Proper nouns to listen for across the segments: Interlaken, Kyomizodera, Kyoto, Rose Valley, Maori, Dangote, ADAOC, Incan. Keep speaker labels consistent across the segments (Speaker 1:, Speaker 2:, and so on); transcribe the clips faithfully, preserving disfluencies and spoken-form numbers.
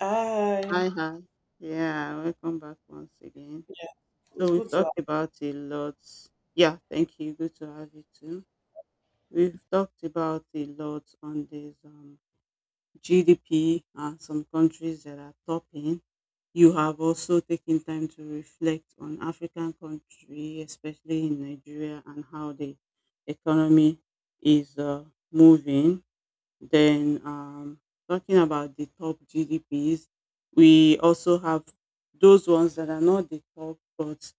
Speaker 1: Hi.
Speaker 2: Hi, hi. Yeah, welcome back once again.
Speaker 1: Yeah, it's
Speaker 2: So we've
Speaker 1: good to.
Speaker 2: talked about a lot. Yeah, thank you. Good to have you too. We've talked about a lot on this um, G D P and some countries that are topping. You have also taken time to reflect on African country, especially in Nigeria, and how the economy is uh, moving. Then um, Talking about the top G D Ps, we also have those ones that are not the top, but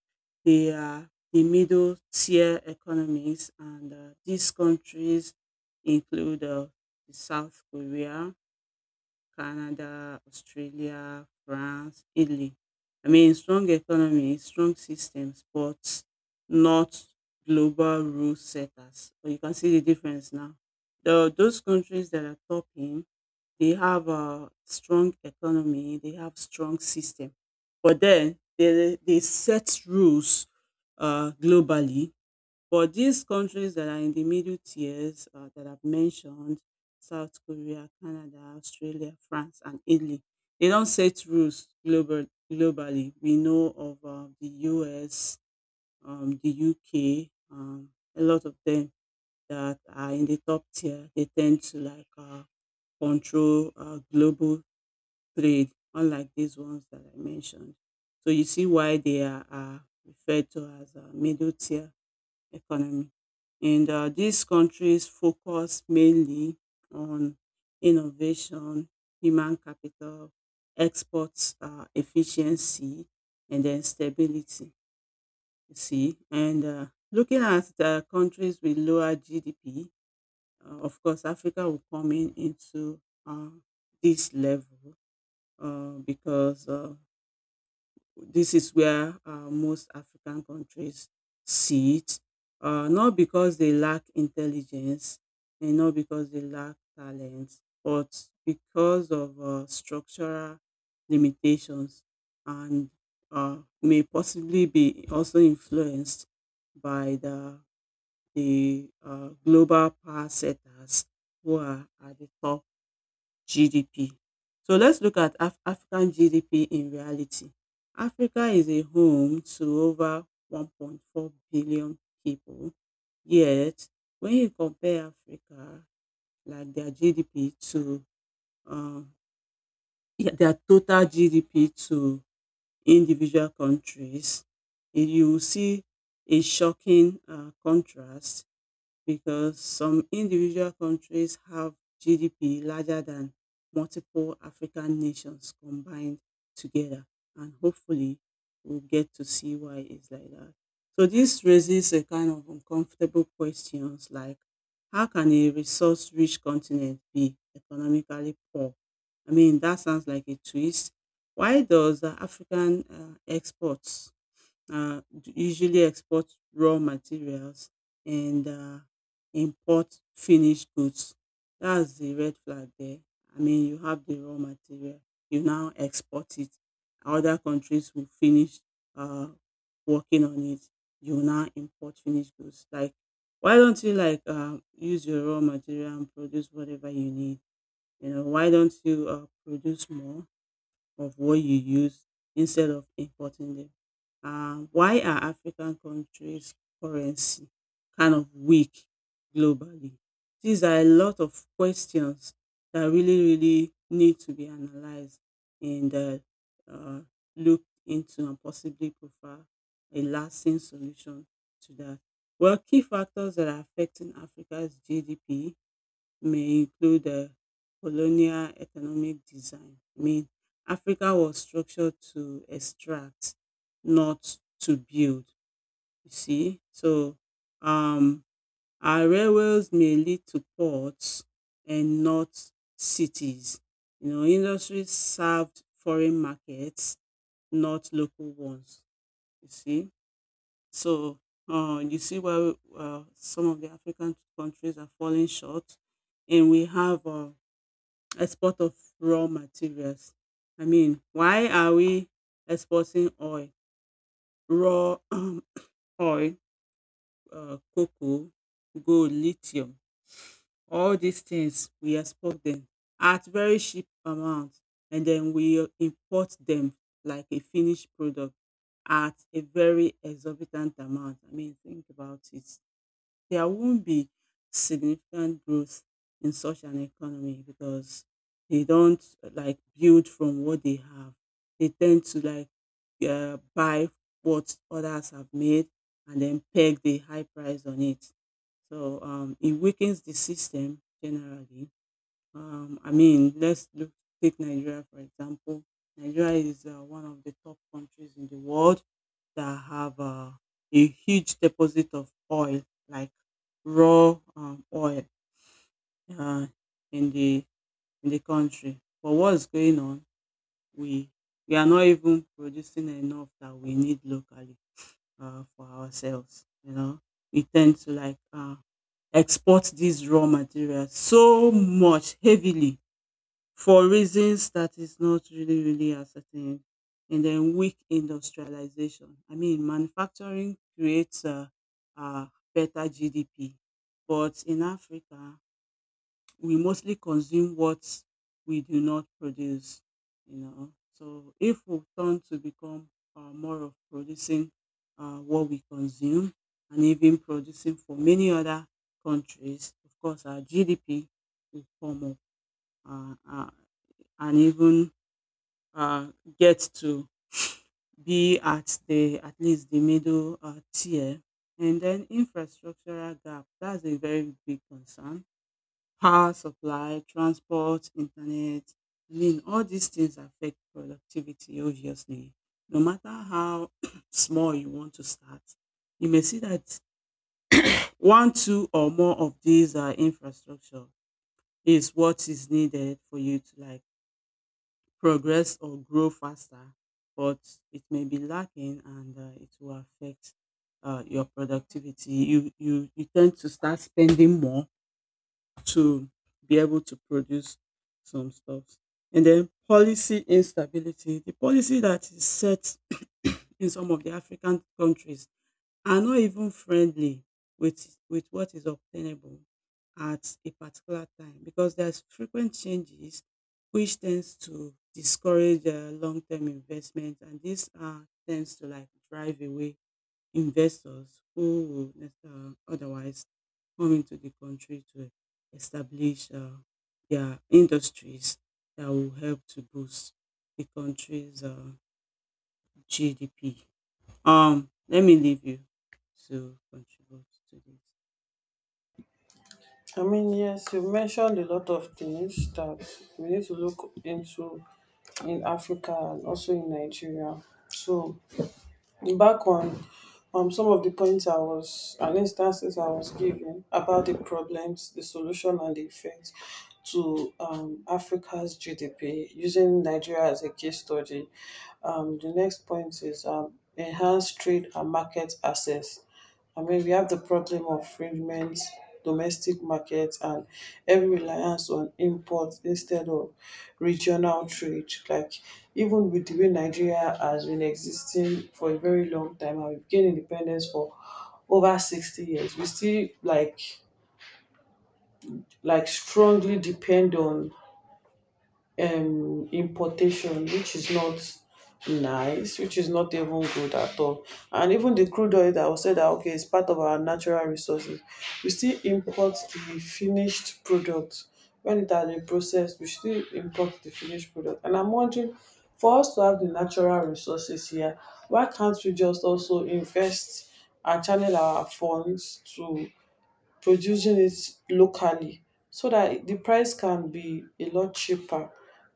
Speaker 2: they are the middle tier economies. And uh, These countries include uh, the South Korea, Canada, Australia, France, Italy. I mean, strong economy, strong systems, but not global rule setters. But you can see the difference now. The, those countries that are topping, they have a strong economy, they have strong system, but then they, they set rules uh, globally, but these countries that are in the middle tiers, uh, that I've mentioned, South Korea, Canada, Australia, France, and Italy, they don't set rules global, globally. We know of uh, the U S, um, the U K, um, a lot of them that are in the top tier. They tend to like uh, control uh, global trade, unlike these ones that I mentioned. So you see why they are uh, referred to as uh, middle tier economy. And uh, These countries focus mainly on innovation, human capital, exports, uh, efficiency, and then stability. You see, and uh, looking at the countries with lower G D P, uh, of course, Africa will come in into uh, this level uh, because uh, this is where uh, most African countries sit, uh, not because they lack intelligence and not because they lack talent, but because of uh, structural limitations and uh, may possibly be also influenced by the, the uh, global power setters who are at the top G D P. So let's look at Af- African G D P in reality. Africa is a home to over one point four billion people. Yet, when you compare Africa, like their G D P to um, yeah, their total G D P to individual countries, you will see a shocking uh, contrast because some individual countries have G D P larger than multiple African nations combined together. And hopefully, we'll get to see why it's like that. So this raises a kind of uncomfortable questions like, how can a resource rich continent be economically poor? I mean, that sounds like a twist. Why does the African uh, exports uh, usually export raw materials and uh, import finished goods? That's the red flag there. I mean, you have the raw material, you now export it. Other countries will finish uh, working on it. You now import finished goods. Like, why don't you like uh, use your raw material and produce whatever you need? You know, why don't you uh, produce more of what you use instead of importing them? Uh, why are African countries' currency kind of weak globally? These are a lot of questions that really, really need to be analyzed and uh, uh, looked into, and possibly prefer a lasting solution to that. Well, key factors that are affecting Africa's G D P may include uh, colonial economic design. I mean, Africa was structured to extract, not to build. You see, so um, our railways may lead to ports and not cities. You know, industries served foreign markets, not local ones. You see, so uh, you see where uh, some of the African countries are falling short, and we have. Uh, export of raw materials. I mean, why are we exporting oil, raw oil, uh, cocoa, gold, lithium? All these things we export them at very cheap amount, and then we import them like a finished product at a very exorbitant amount. I mean, think about it, there won't be significant growth in such an economy because they don't uh, like build from what they have. They tend to like uh, buy what others have made and then peg the high price on it. So um, it weakens the system generally. Um, I mean, let's look, take Nigeria for example. Nigeria is uh, one of the top countries in the world that have uh, a huge deposit of oil, like raw um, oil, uh, in the in the country. But what's going on? We we are not even producing enough that we need locally uh, for ourselves. You know, we tend to like uh, export these raw materials so much heavily for reasons that is not really really ascertained. And then weak industrialization. I mean, manufacturing creates uh, uh, better GDP, but in Africa we mostly consume what we do not produce. You know, so if we turn to become uh, more of producing uh, what we consume and even producing for many other countries, of course our GDP will come up, uh, uh, and even uh, get to be at the at least the middle uh, tier. And then infrastructural gap, that's a very big concern. Power supply, transport, internet. I mean, all these things affect productivity, obviously. No matter how small you want to start, you may see that one, two, or more of these uh, infrastructure is what is needed for you to like progress or grow faster, but it may be lacking and uh, it will affect uh, your productivity. You, you, you tend to start spending more to be able to produce some stuff. And then policy instability, the policy that is set in some of the African countries are not even friendly with with what is obtainable at a particular time because there's frequent changes which tends to discourage uh, long-term investment, and this uh, tends to like drive away investors who would uh, otherwise come into the country to establish uh, their industries that will help to boost the country's uh, G D P. Um, let me leave you to contribute to this.
Speaker 1: I mean, yes, you mentioned a lot of things that we need to look into in Africa and also in Nigeria. So back on um some of the points I was and instances I was giving about the problems, the solution and the effect to um, Africa's G D P using Nigeria as a case study. Um, the next point is um, enhanced trade and market access. I mean, we have the problem of fragment, domestic markets, and heavy reliance on imports instead of regional trade. Like, even with the way Nigeria has been existing for a very long time, and we've gained independence for over sixty years, we still like like strongly depend on um, importation, which is not nice, which is not even good at all. And even the crude oil that was said that okay, it's part of our natural resources, we still import the finished product when it has been processed. We still import the finished product, and I'm wondering. For us to have the natural resources here, why can't we just also invest and channel our funds to producing it locally so that the price can be a lot cheaper.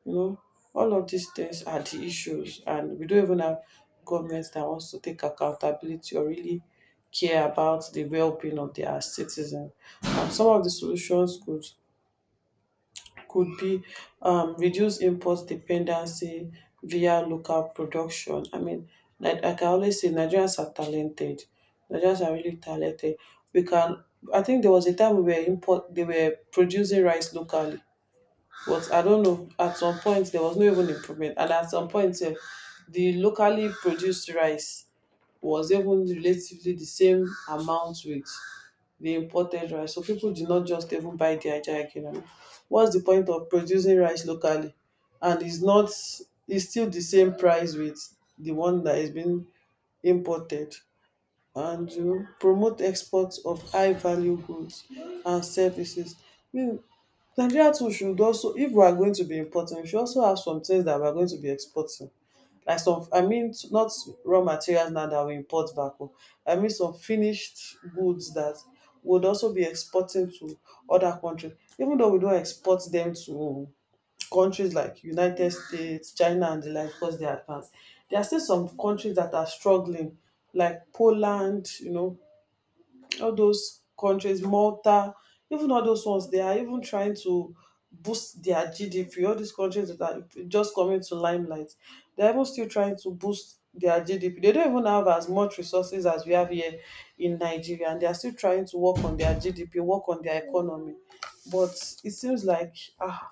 Speaker 1: You know, all of these things are the issues, and we don't even have governments that wants to take accountability or really care about the well-being of their citizens. And some of the solutions could could be um, reduce import dependency via local production. I mean, like, I can always say, Nigerians are talented. Nigerians are really talented. We can. I think there was a time we were import. They were producing rice locally, but I don't know. At some point, there was no even improvement, and at some point, eh, the locally produced rice was even relatively the same amount with the imported rice. So people did not just even buy the Ajah economy. What's the point of producing rice locally? And it's not it's still the same price with the one that is being imported. And you promote exports of high value goods and services. I mean, Nigeria too should also, if we are going to be importing, we should also have some things that we are going to be exporting, like some, I mean, not raw materials now that we import back home, I mean, some finished goods that would also be exporting to other countries, even though we don't export them to countries like United States, China and the like because they are advanced. There are still some countries that are struggling, like Poland, you know, all those countries, Malta, even all those ones, they are even trying to boost their G D P. All these countries that are just coming to limelight, they're even still trying to boost their G D P. They don't even have as much resources as we have here in Nigeria, and they are still trying to work on their G D P, work on their economy. But it seems like ah,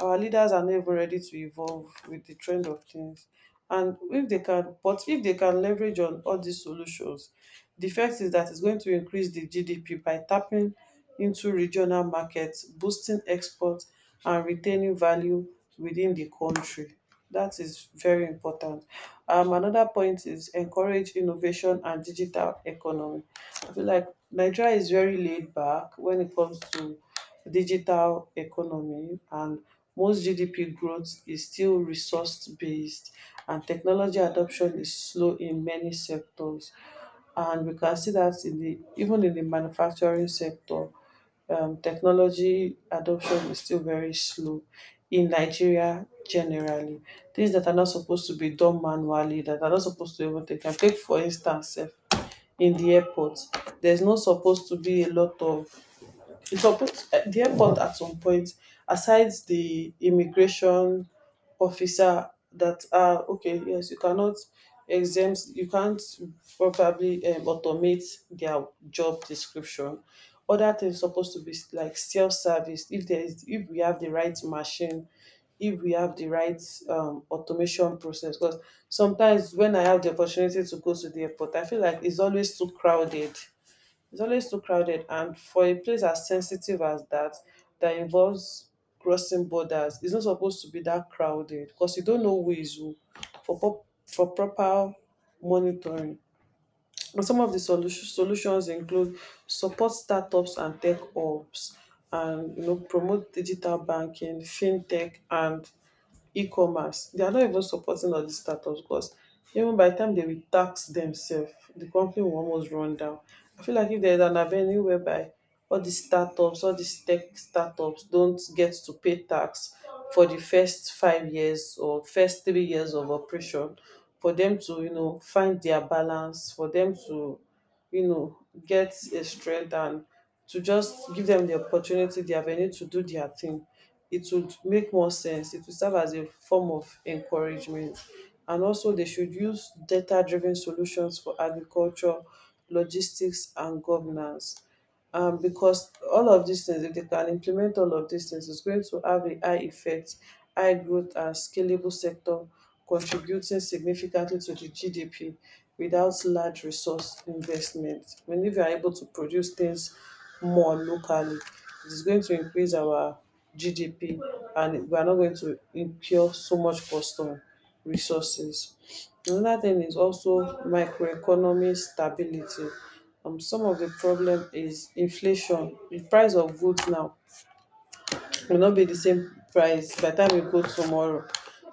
Speaker 1: our leaders are not even ready to evolve with the trend of things, and if they can but if they can leverage on all these solutions, the fact is that it's going to increase the GDP by tapping into regional markets, boosting exports and retaining value within the country. That is very important. Um another point is encourage innovation and digital economy. I feel like Nigeria is very laid back when it comes to digital economy, and most GDP growth is still resource-based, and technology adoption is slow in many sectors, and we can see that in the even in the manufacturing sector. Um, technology adoption is still very slow in Nigeria generally. Things that are not supposed to be done manually, that are not supposed to even take time. Take for instance, sef, in the airport, there's not supposed to be a lot of it's supposed, uh, the airport at some point, aside the immigration officer that, uh, okay, yes, you cannot exempt you can't probably um, automate their job description. Other things supposed to be like self-service, if there is if we have the right machine, if we have the right um, automation process, because sometimes when I have the opportunity to go to the airport, I feel like it's always too crowded. It's always too crowded, and for a place as sensitive as that, that involves crossing borders, it's not supposed to be that crowded because you don't know who is who for pop, for proper monitoring. And some of the solu- solutions include support startups and tech hubs, and, you know, promote digital banking, fintech, and e-commerce. They are not even supporting all these startups because even by the time they will tax themselves, the company will almost run down. I feel like if there is an avenue whereby all these startups, all these tech startups don't get to pay tax for the first five years or first three years of operation, for them to, you know, find their balance, for them to, you know, get a strength, and to just give them the opportunity, the avenue to do their thing. It would make more sense. It would serve as a form of encouragement. And also, they should use data driven solutions for agriculture, logistics, and governance, um, because all of these things, if they can implement all of these things, it's going to have a high effect, high growth and scalable sector, contributing significantly to the G D P without large resource investment. When, if you are able to produce things more locally, it is going to increase our G D P, and we are not going to incur so much custom resources. Another thing is also microeconomic stability. Um, some of the problem is inflation. The price of goods now will not be the same price by the time we go tomorrow.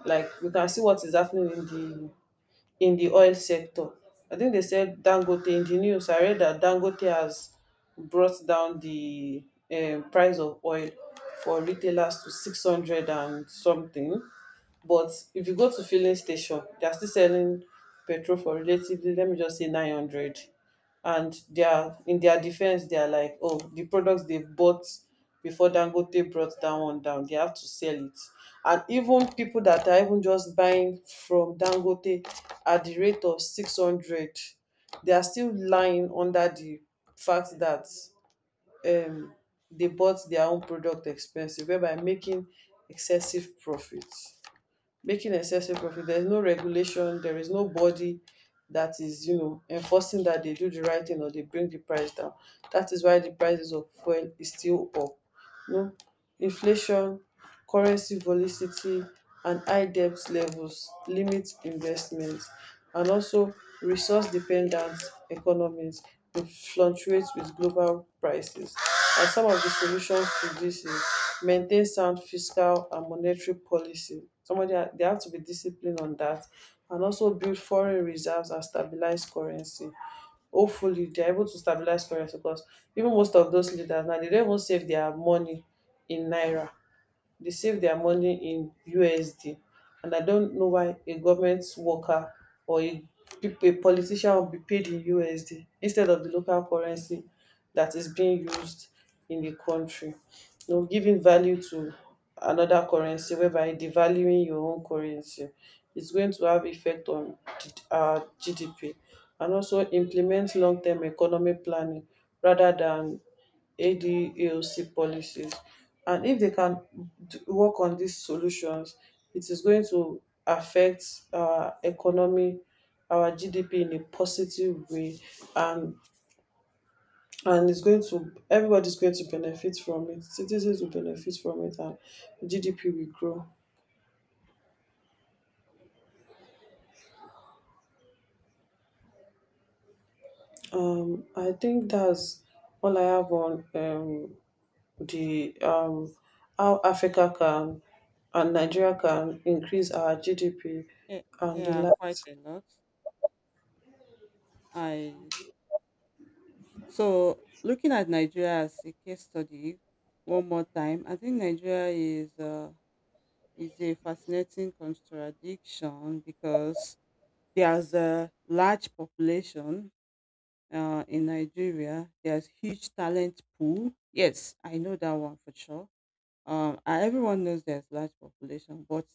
Speaker 1: Like we can see what is happening in the in the oil sector. I think they said Dangote in the news. I read that Dangote has brought down the um, price of oil for retailers to six hundred and something. But if you go to filling station, they are still selling petrol for relatively, let me just say nine hundred. And they are in their defense, they are like, oh, the products they bought before Dangote brought that one down, they have to sell it. And even people that are even just buying from Dangote at the rate of six hundred, they are still lying under the fact that um they bought their own product expensive, whereby making excessive profits, making excessive profit. There's no regulation, there is no body that is, you know, enforcing that they do the right thing or they bring the price down. That is why the prices of fuel is still up, you know. Inflation, currency volatility, and high debt levels limit investment, and also resource dependent economies dey fluctuate wit global prices. And some of the solutions to this is maintain sound fiscal and monetary policy. Somebody ha dey have to be disciplined on that, and also build foreign reserves and stabilise currency, hopefully. They're able to stabilise currency because even most of those leaders now, they don't even save their money in naira, they save their money in U S D. And I don't know why a government worker or a, peop- a politician will be paid in U S D instead of the local currency that is being used in the country. You know, giving value to another currency, whereby devaluing your own currency, is going to have effect on G- uh, G D P, and also implement long-term economic planning rather than A D A O C policies. And if they can d- work on these solutions, it is going to affect our economy, our G D P in a positive way, and and it's going to everybody's going to benefit from it. Citizens will benefit from it, and G D P will grow. Um, I think that's all I have on um the um, how Africa can and Nigeria can increase our G D P
Speaker 2: Yeah,
Speaker 1: and the
Speaker 2: yeah, quite
Speaker 1: likes.
Speaker 2: a lot. I so looking at Nigeria as a case study one more time, I think Nigeria is uh, is a fascinating contradiction because there's a large population uh, in Nigeria. There's huge talent pool. Yes, I know that one for sure. Um, I- everyone knows there's large population, but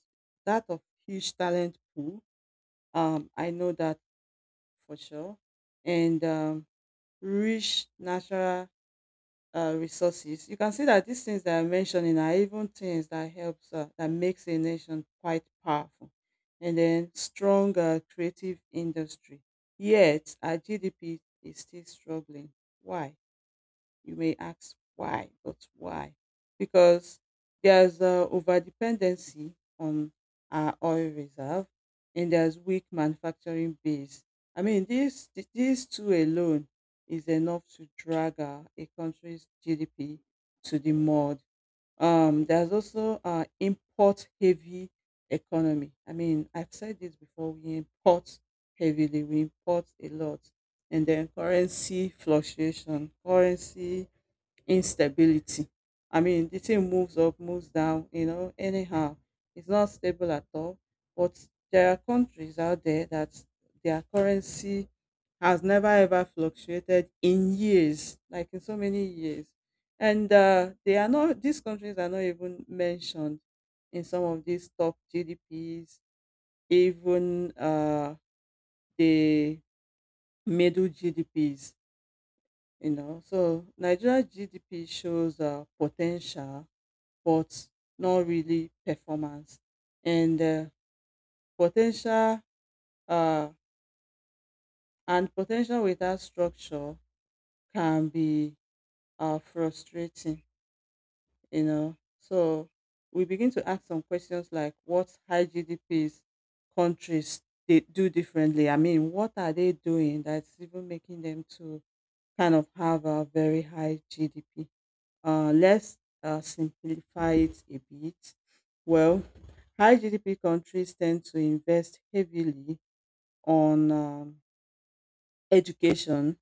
Speaker 2: that of huge talent pool, Um, I know that for sure. And um, rich natural uh, resources. You can see that these things that I'm mentioning are even things that helps uh, that makes a nation quite powerful. And then strong uh, creative industry. Yet our G D P is still struggling. Why? You may ask why, but why? Because there's uh, over dependency on our oil reserve, and there's weak manufacturing base. I mean, these, th- these two alone is enough to drag uh, a country's G D P to the mud. Um, there's also uh, import heavy economy. I mean, I've said this before, we import heavily, we import a lot. And then currency fluctuation, currency instability. I mean, the thing moves up, moves down, you know, anyhow. It's not stable at all. But there are countries out there that their currency has never ever fluctuated in years, like in so many years. And uh, they are not, these countries are not even mentioned in some of these top G D Ps, even uh, the middle G D Ps, you know. So Nigeria G D P shows uh, potential, but not really performance. And uh, potential uh, and potential without structure can be uh, frustrating. You know, so we begin to ask some questions like, what high G D Ps countries they do differently? I mean, what are they doing that's even making them to kind of have a very high G D P? Uh, let's uh, simplify it a bit. Well, high G D P countries tend to invest heavily on um, education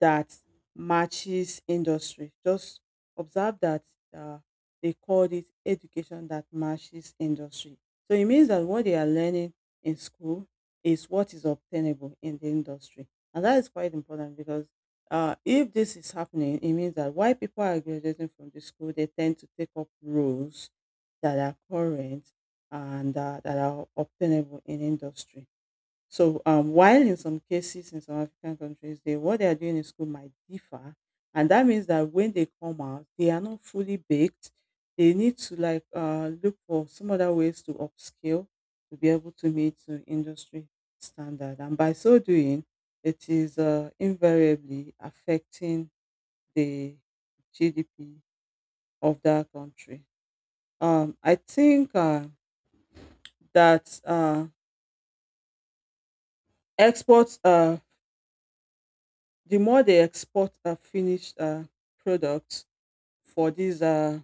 Speaker 2: that matches industry. Just observe that uh, they called it education that matches industry. So it means that what they are learning in school is what is obtainable in the industry. And that is quite important because uh, if this is happening, it means that why people are graduating from the school, they tend to take up roles that are current and uh, that are obtainable in industry. So, um, while in some cases in some African countries, they what they are doing in school might differ, and that means that when they come out, they are not fully baked. They need to like uh, look for some other ways to upscale to be able to meet the industry standard, and by so doing, it is uh, invariably affecting the G D P of that country. Um, I think uh, that uh, Exports. Uh, the more they export uh, finished uh, products for these uh,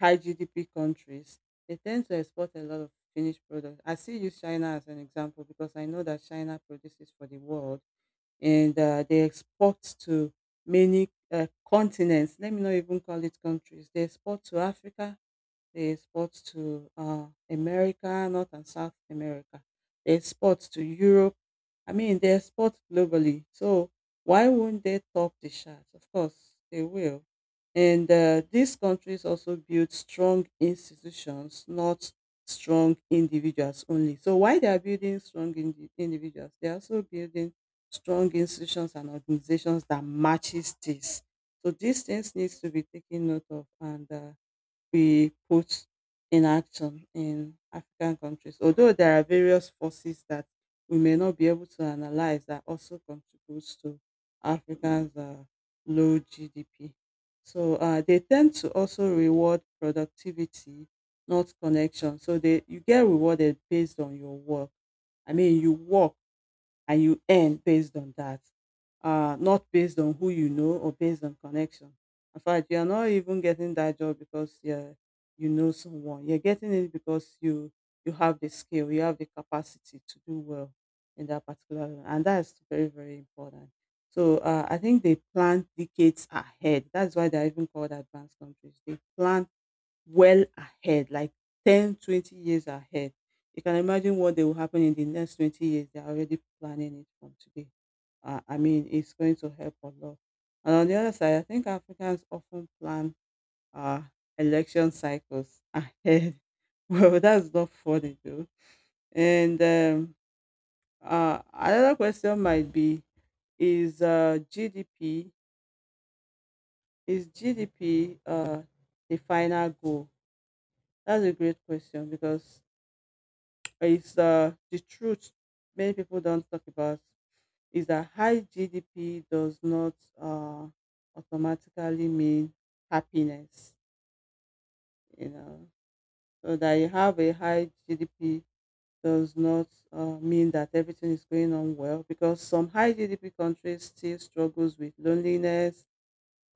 Speaker 2: high G D P countries, they tend to export a lot of finished products. I still use China as an example because I know that China produces for the world and uh, they export to many uh, continents. Let me not even call it countries. They export to Africa, they export to uh, America, North and South America. They export to Europe. I mean, they export globally. So why won't they top the charts? Of course, they will. And uh, These countries also build strong institutions, not strong individuals only. So while they are building strong indi- individuals, they are also building strong institutions and organizations that matches this. So these things needs to be taken note of and uh, we put in action in African countries. Although there are various forces that we may not be able to analyze that also contributes to Africans' uh, low G D P. So uh, they tend to also reward productivity, not connection. So they you get rewarded based on your work. I mean, you work and you earn based on that, uh, not based on who you know or based on connection. In fact, you're not even getting that job because you you know someone. You're getting it because you you have the skill, you have the capacity to do well in that particular, area. And that's very very important. So uh, I think they plan decades ahead. That's why they're even called advanced countries. They plan well ahead, like ten, twenty years ahead. You can imagine what they will happen in the next twenty years. They're already planning it from today. Uh, I mean, it's going to help a lot. And on the other side, I think Africans often plan uh, election cycles ahead. Well, that's not funny, though. And um, uh, Another question might be is uh, G D P is G D P uh, the final goal? That's a great question because is uh, the truth many people don't talk about is that high G D P does not uh, automatically mean happiness. You know, so that you have a high G D P does not uh, mean that everything is going on well because some high G D P countries still struggles with loneliness,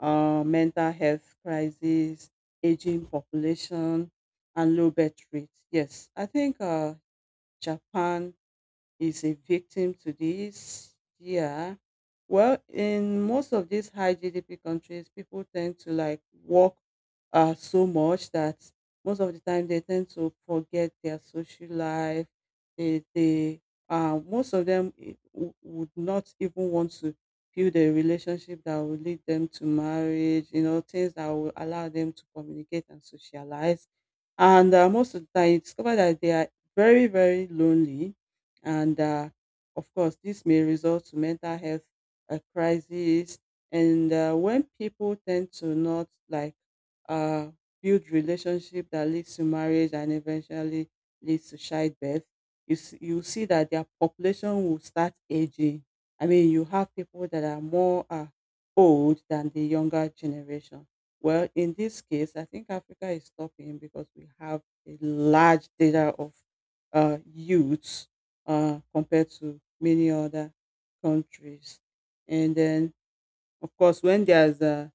Speaker 2: uh, mental health crisis, aging population, and low birth rate. Yes, I think uh, Japan is a victim to this. Yeah. Well, in most of these high G D P countries, people tend to like work uh, so much that most of the time they tend to forget their social life. They, they uh, most of them eh, w- would not even want to build a relationship that will lead them to marriage, you know, things that will allow them to communicate and socialize. And uh, Most of the time, you discover that they are very, very lonely and uh, of course this may result to mental health uh, crisis and uh, when people tend to not like uh, build relationship that leads to marriage and eventually leads to childbirth you see, you see that their population will start aging. I mean you have people that are more uh, old than the younger generation. Well in this case I think africa is stopping because we have a large data of uh, youths uh, compared to many other countries. And then, of course, when there's a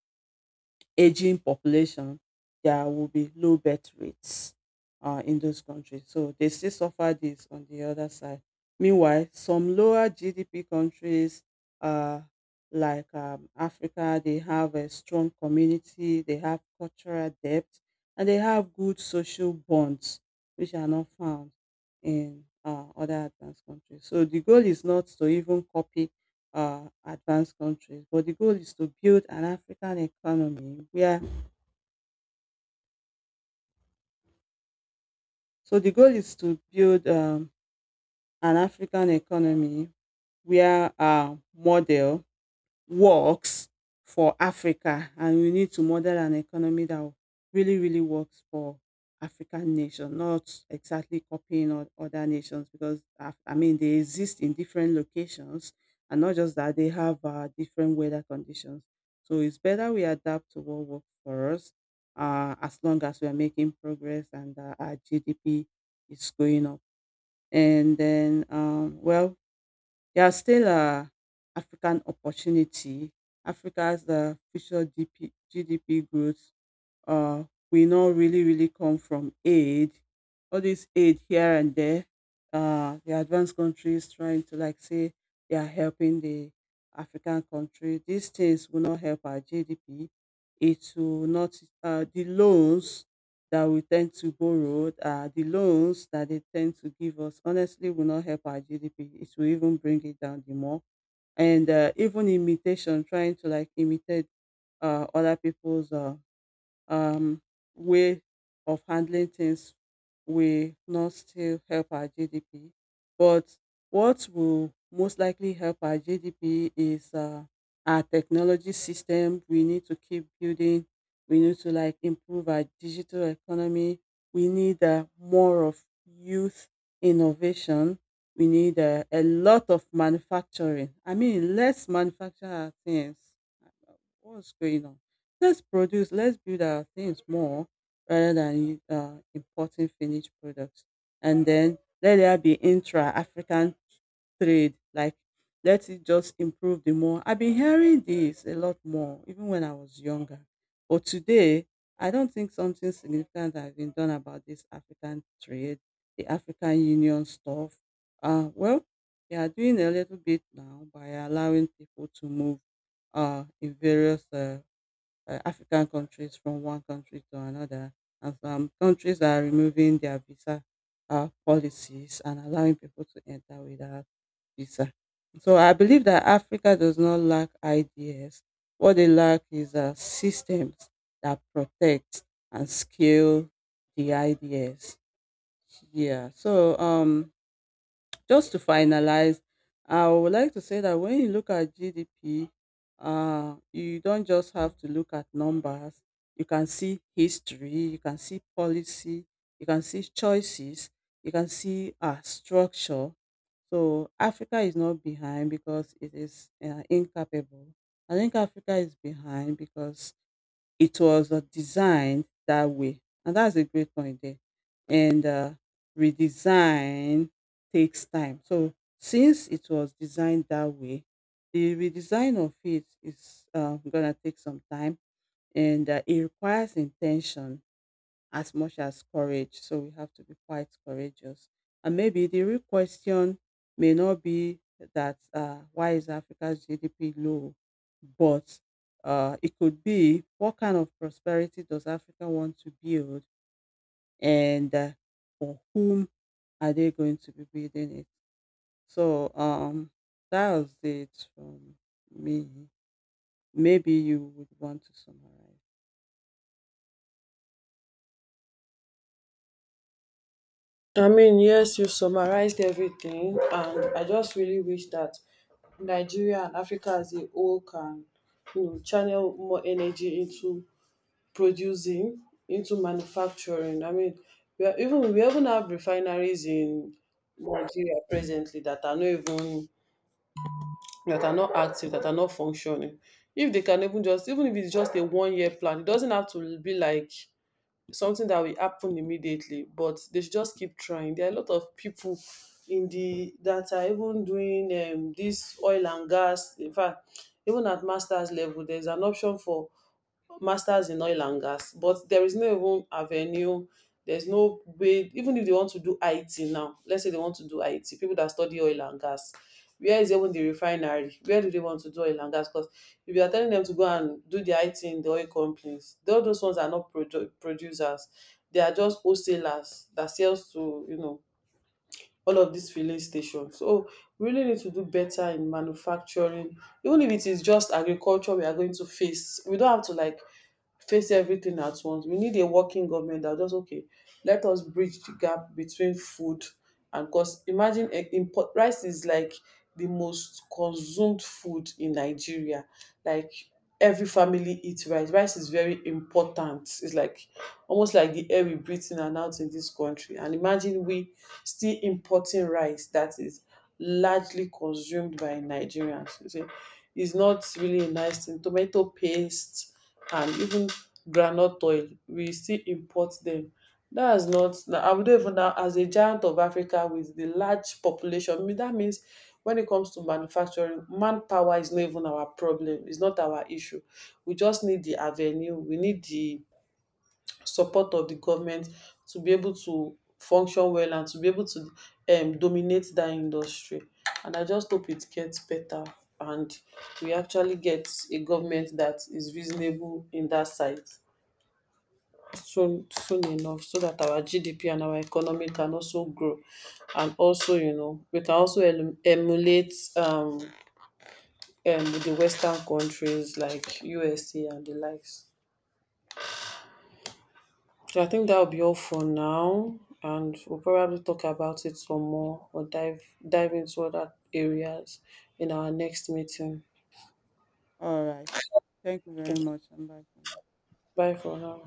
Speaker 2: aging population, there will be low birth rates uh, in those countries. So they still suffer this on the other side. Meanwhile, some lower G D P countries uh, like um, Africa, they have a strong community, they have cultural depth, and they have good social bonds, which are not found in uh, other advanced countries. So the goal is not to even copy uh, advanced countries. But the goal is to build an African economy where, so the goal is to build um, an African economy where our model works for Africa and we need to model an economy that really, really works for African nation, not exactly copying o- other nations because Af- I mean they exist in different locations and not just that they have uh, different weather conditions. So it's better we adapt to what works for us uh, as long as we are making progress and uh, our G D P is going up. And then, um, well, they are still a African opportunity. Africa's uh, future G P, G D P growth uh, we not really, really come from aid. All this aid here and there, uh, the advanced countries trying to like say they are helping the African country. These things will not help our G D P. It will not, uh, the loans that we tend to borrow, uh, the loans that they tend to give us, honestly, will not help our G D P. It will even bring it down the more. And uh, Even imitation, trying to like imitate uh, other people's uh, um, way of handling things will not still help our G D P. But what will most likely help our G D P is uh, our technology system. We need to keep building. We need to like improve our digital economy. We need uh, more of youth innovation. We need uh, a lot of manufacturing. I mean, let's manufacture our things. What's going on? Let's produce, let's build our things more rather than uh, importing finished products. And then let there be intra African trade. Like, let it just improve the more. I've been hearing this a lot more, even when I was younger. But today, I don't think something significant has been done about this African trade, the African Union stuff. Uh, well, they are doing a little bit now by allowing people to move uh, in various uh, uh, African countries from one country to another. And some countries are removing their visa uh, policies and allowing people to enter without visa. So I believe that Africa does not lack ideas. What they lack is uh, systems that protect and scale the ideas. Yeah. So um, just to finalize, I would like to say that when you look at G D P, uh, you don't just have to look at numbers. You can see history, you can see policy, you can see choices, you can see uh, structure. So Africa is not behind because it is uh, incapable. I think Africa is behind because it was uh, designed that way. And that's a great point there. And uh, Redesign takes time. So since it was designed that way, the redesign of it is uh, gonna take some time, and uh, it requires intention as much as courage. So we have to be quite courageous. And maybe the real question may not be that uh, why is Africa's G D P low, but uh, it could be what kind of prosperity does Africa want to build and uh, for whom are they going to be building it? So um, that was it from me. Maybe you would want to summarize.
Speaker 1: I mean, yes, you summarized everything, and I just really wish that Nigeria and Africa as a whole can, you know, channel more energy into producing, into manufacturing. I mean, we are even we even have refineries in Nigeria presently that are not even that are not active, that are not functioning. If they can even just, even if it's just a one year plan, it doesn't have to be like something that will happen immediately, but they should just keep trying. There are a lot of people in the that are even doing um, this oil and gas. In fact, even at master's level, there's an option for masters in oil and gas, but there is no even avenue, there's no way, even if they want to do it now, let's say they want to do it, people that study oil and gas, where is even the refinery, where do they want to do oil and gas? Because if you are telling them to go and do the it in the oil companies, all those ones are not produ- producers, they are just wholesalers that sells to, you know, all of these filling stations. So we really need to do better in manufacturing, even if it is just agriculture we are going to face. We don't have to like face everything at once. We need a working government that, just okay, let us bridge the gap between food and cost. Imagine, eh, import rice is like the most consumed food in Nigeria. Like every family eats rice. Rice is very important. It's like almost like the air we breathe in and out in this country. And imagine we still importing rice that is largely consumed by Nigerians. You see, it's not really a nice thing. Tomato paste, and even groundnut oil, we still import them. That is is not na- I would, even now as a giant of Africa with the large population, I mean, that means when it comes to manufacturing, manpower is not even our problem. It's not our issue. We just need the avenue, we need the support of the government to be able to function well and to be able to um, dominate that industry. And I just hope it gets better and we actually get a government that is reasonable in that side, soon, soon enough, so that our G D P and our economy can also grow, and also, you know, we can also em- emulate um, um the western countries like U S A and the likes. So I think that'll be all for now, and we'll probably talk about it some more or dive dive into other areas in our next meeting.
Speaker 2: All right. Thank you very
Speaker 1: Okay,
Speaker 2: much. I'm back now.
Speaker 1: bye for now.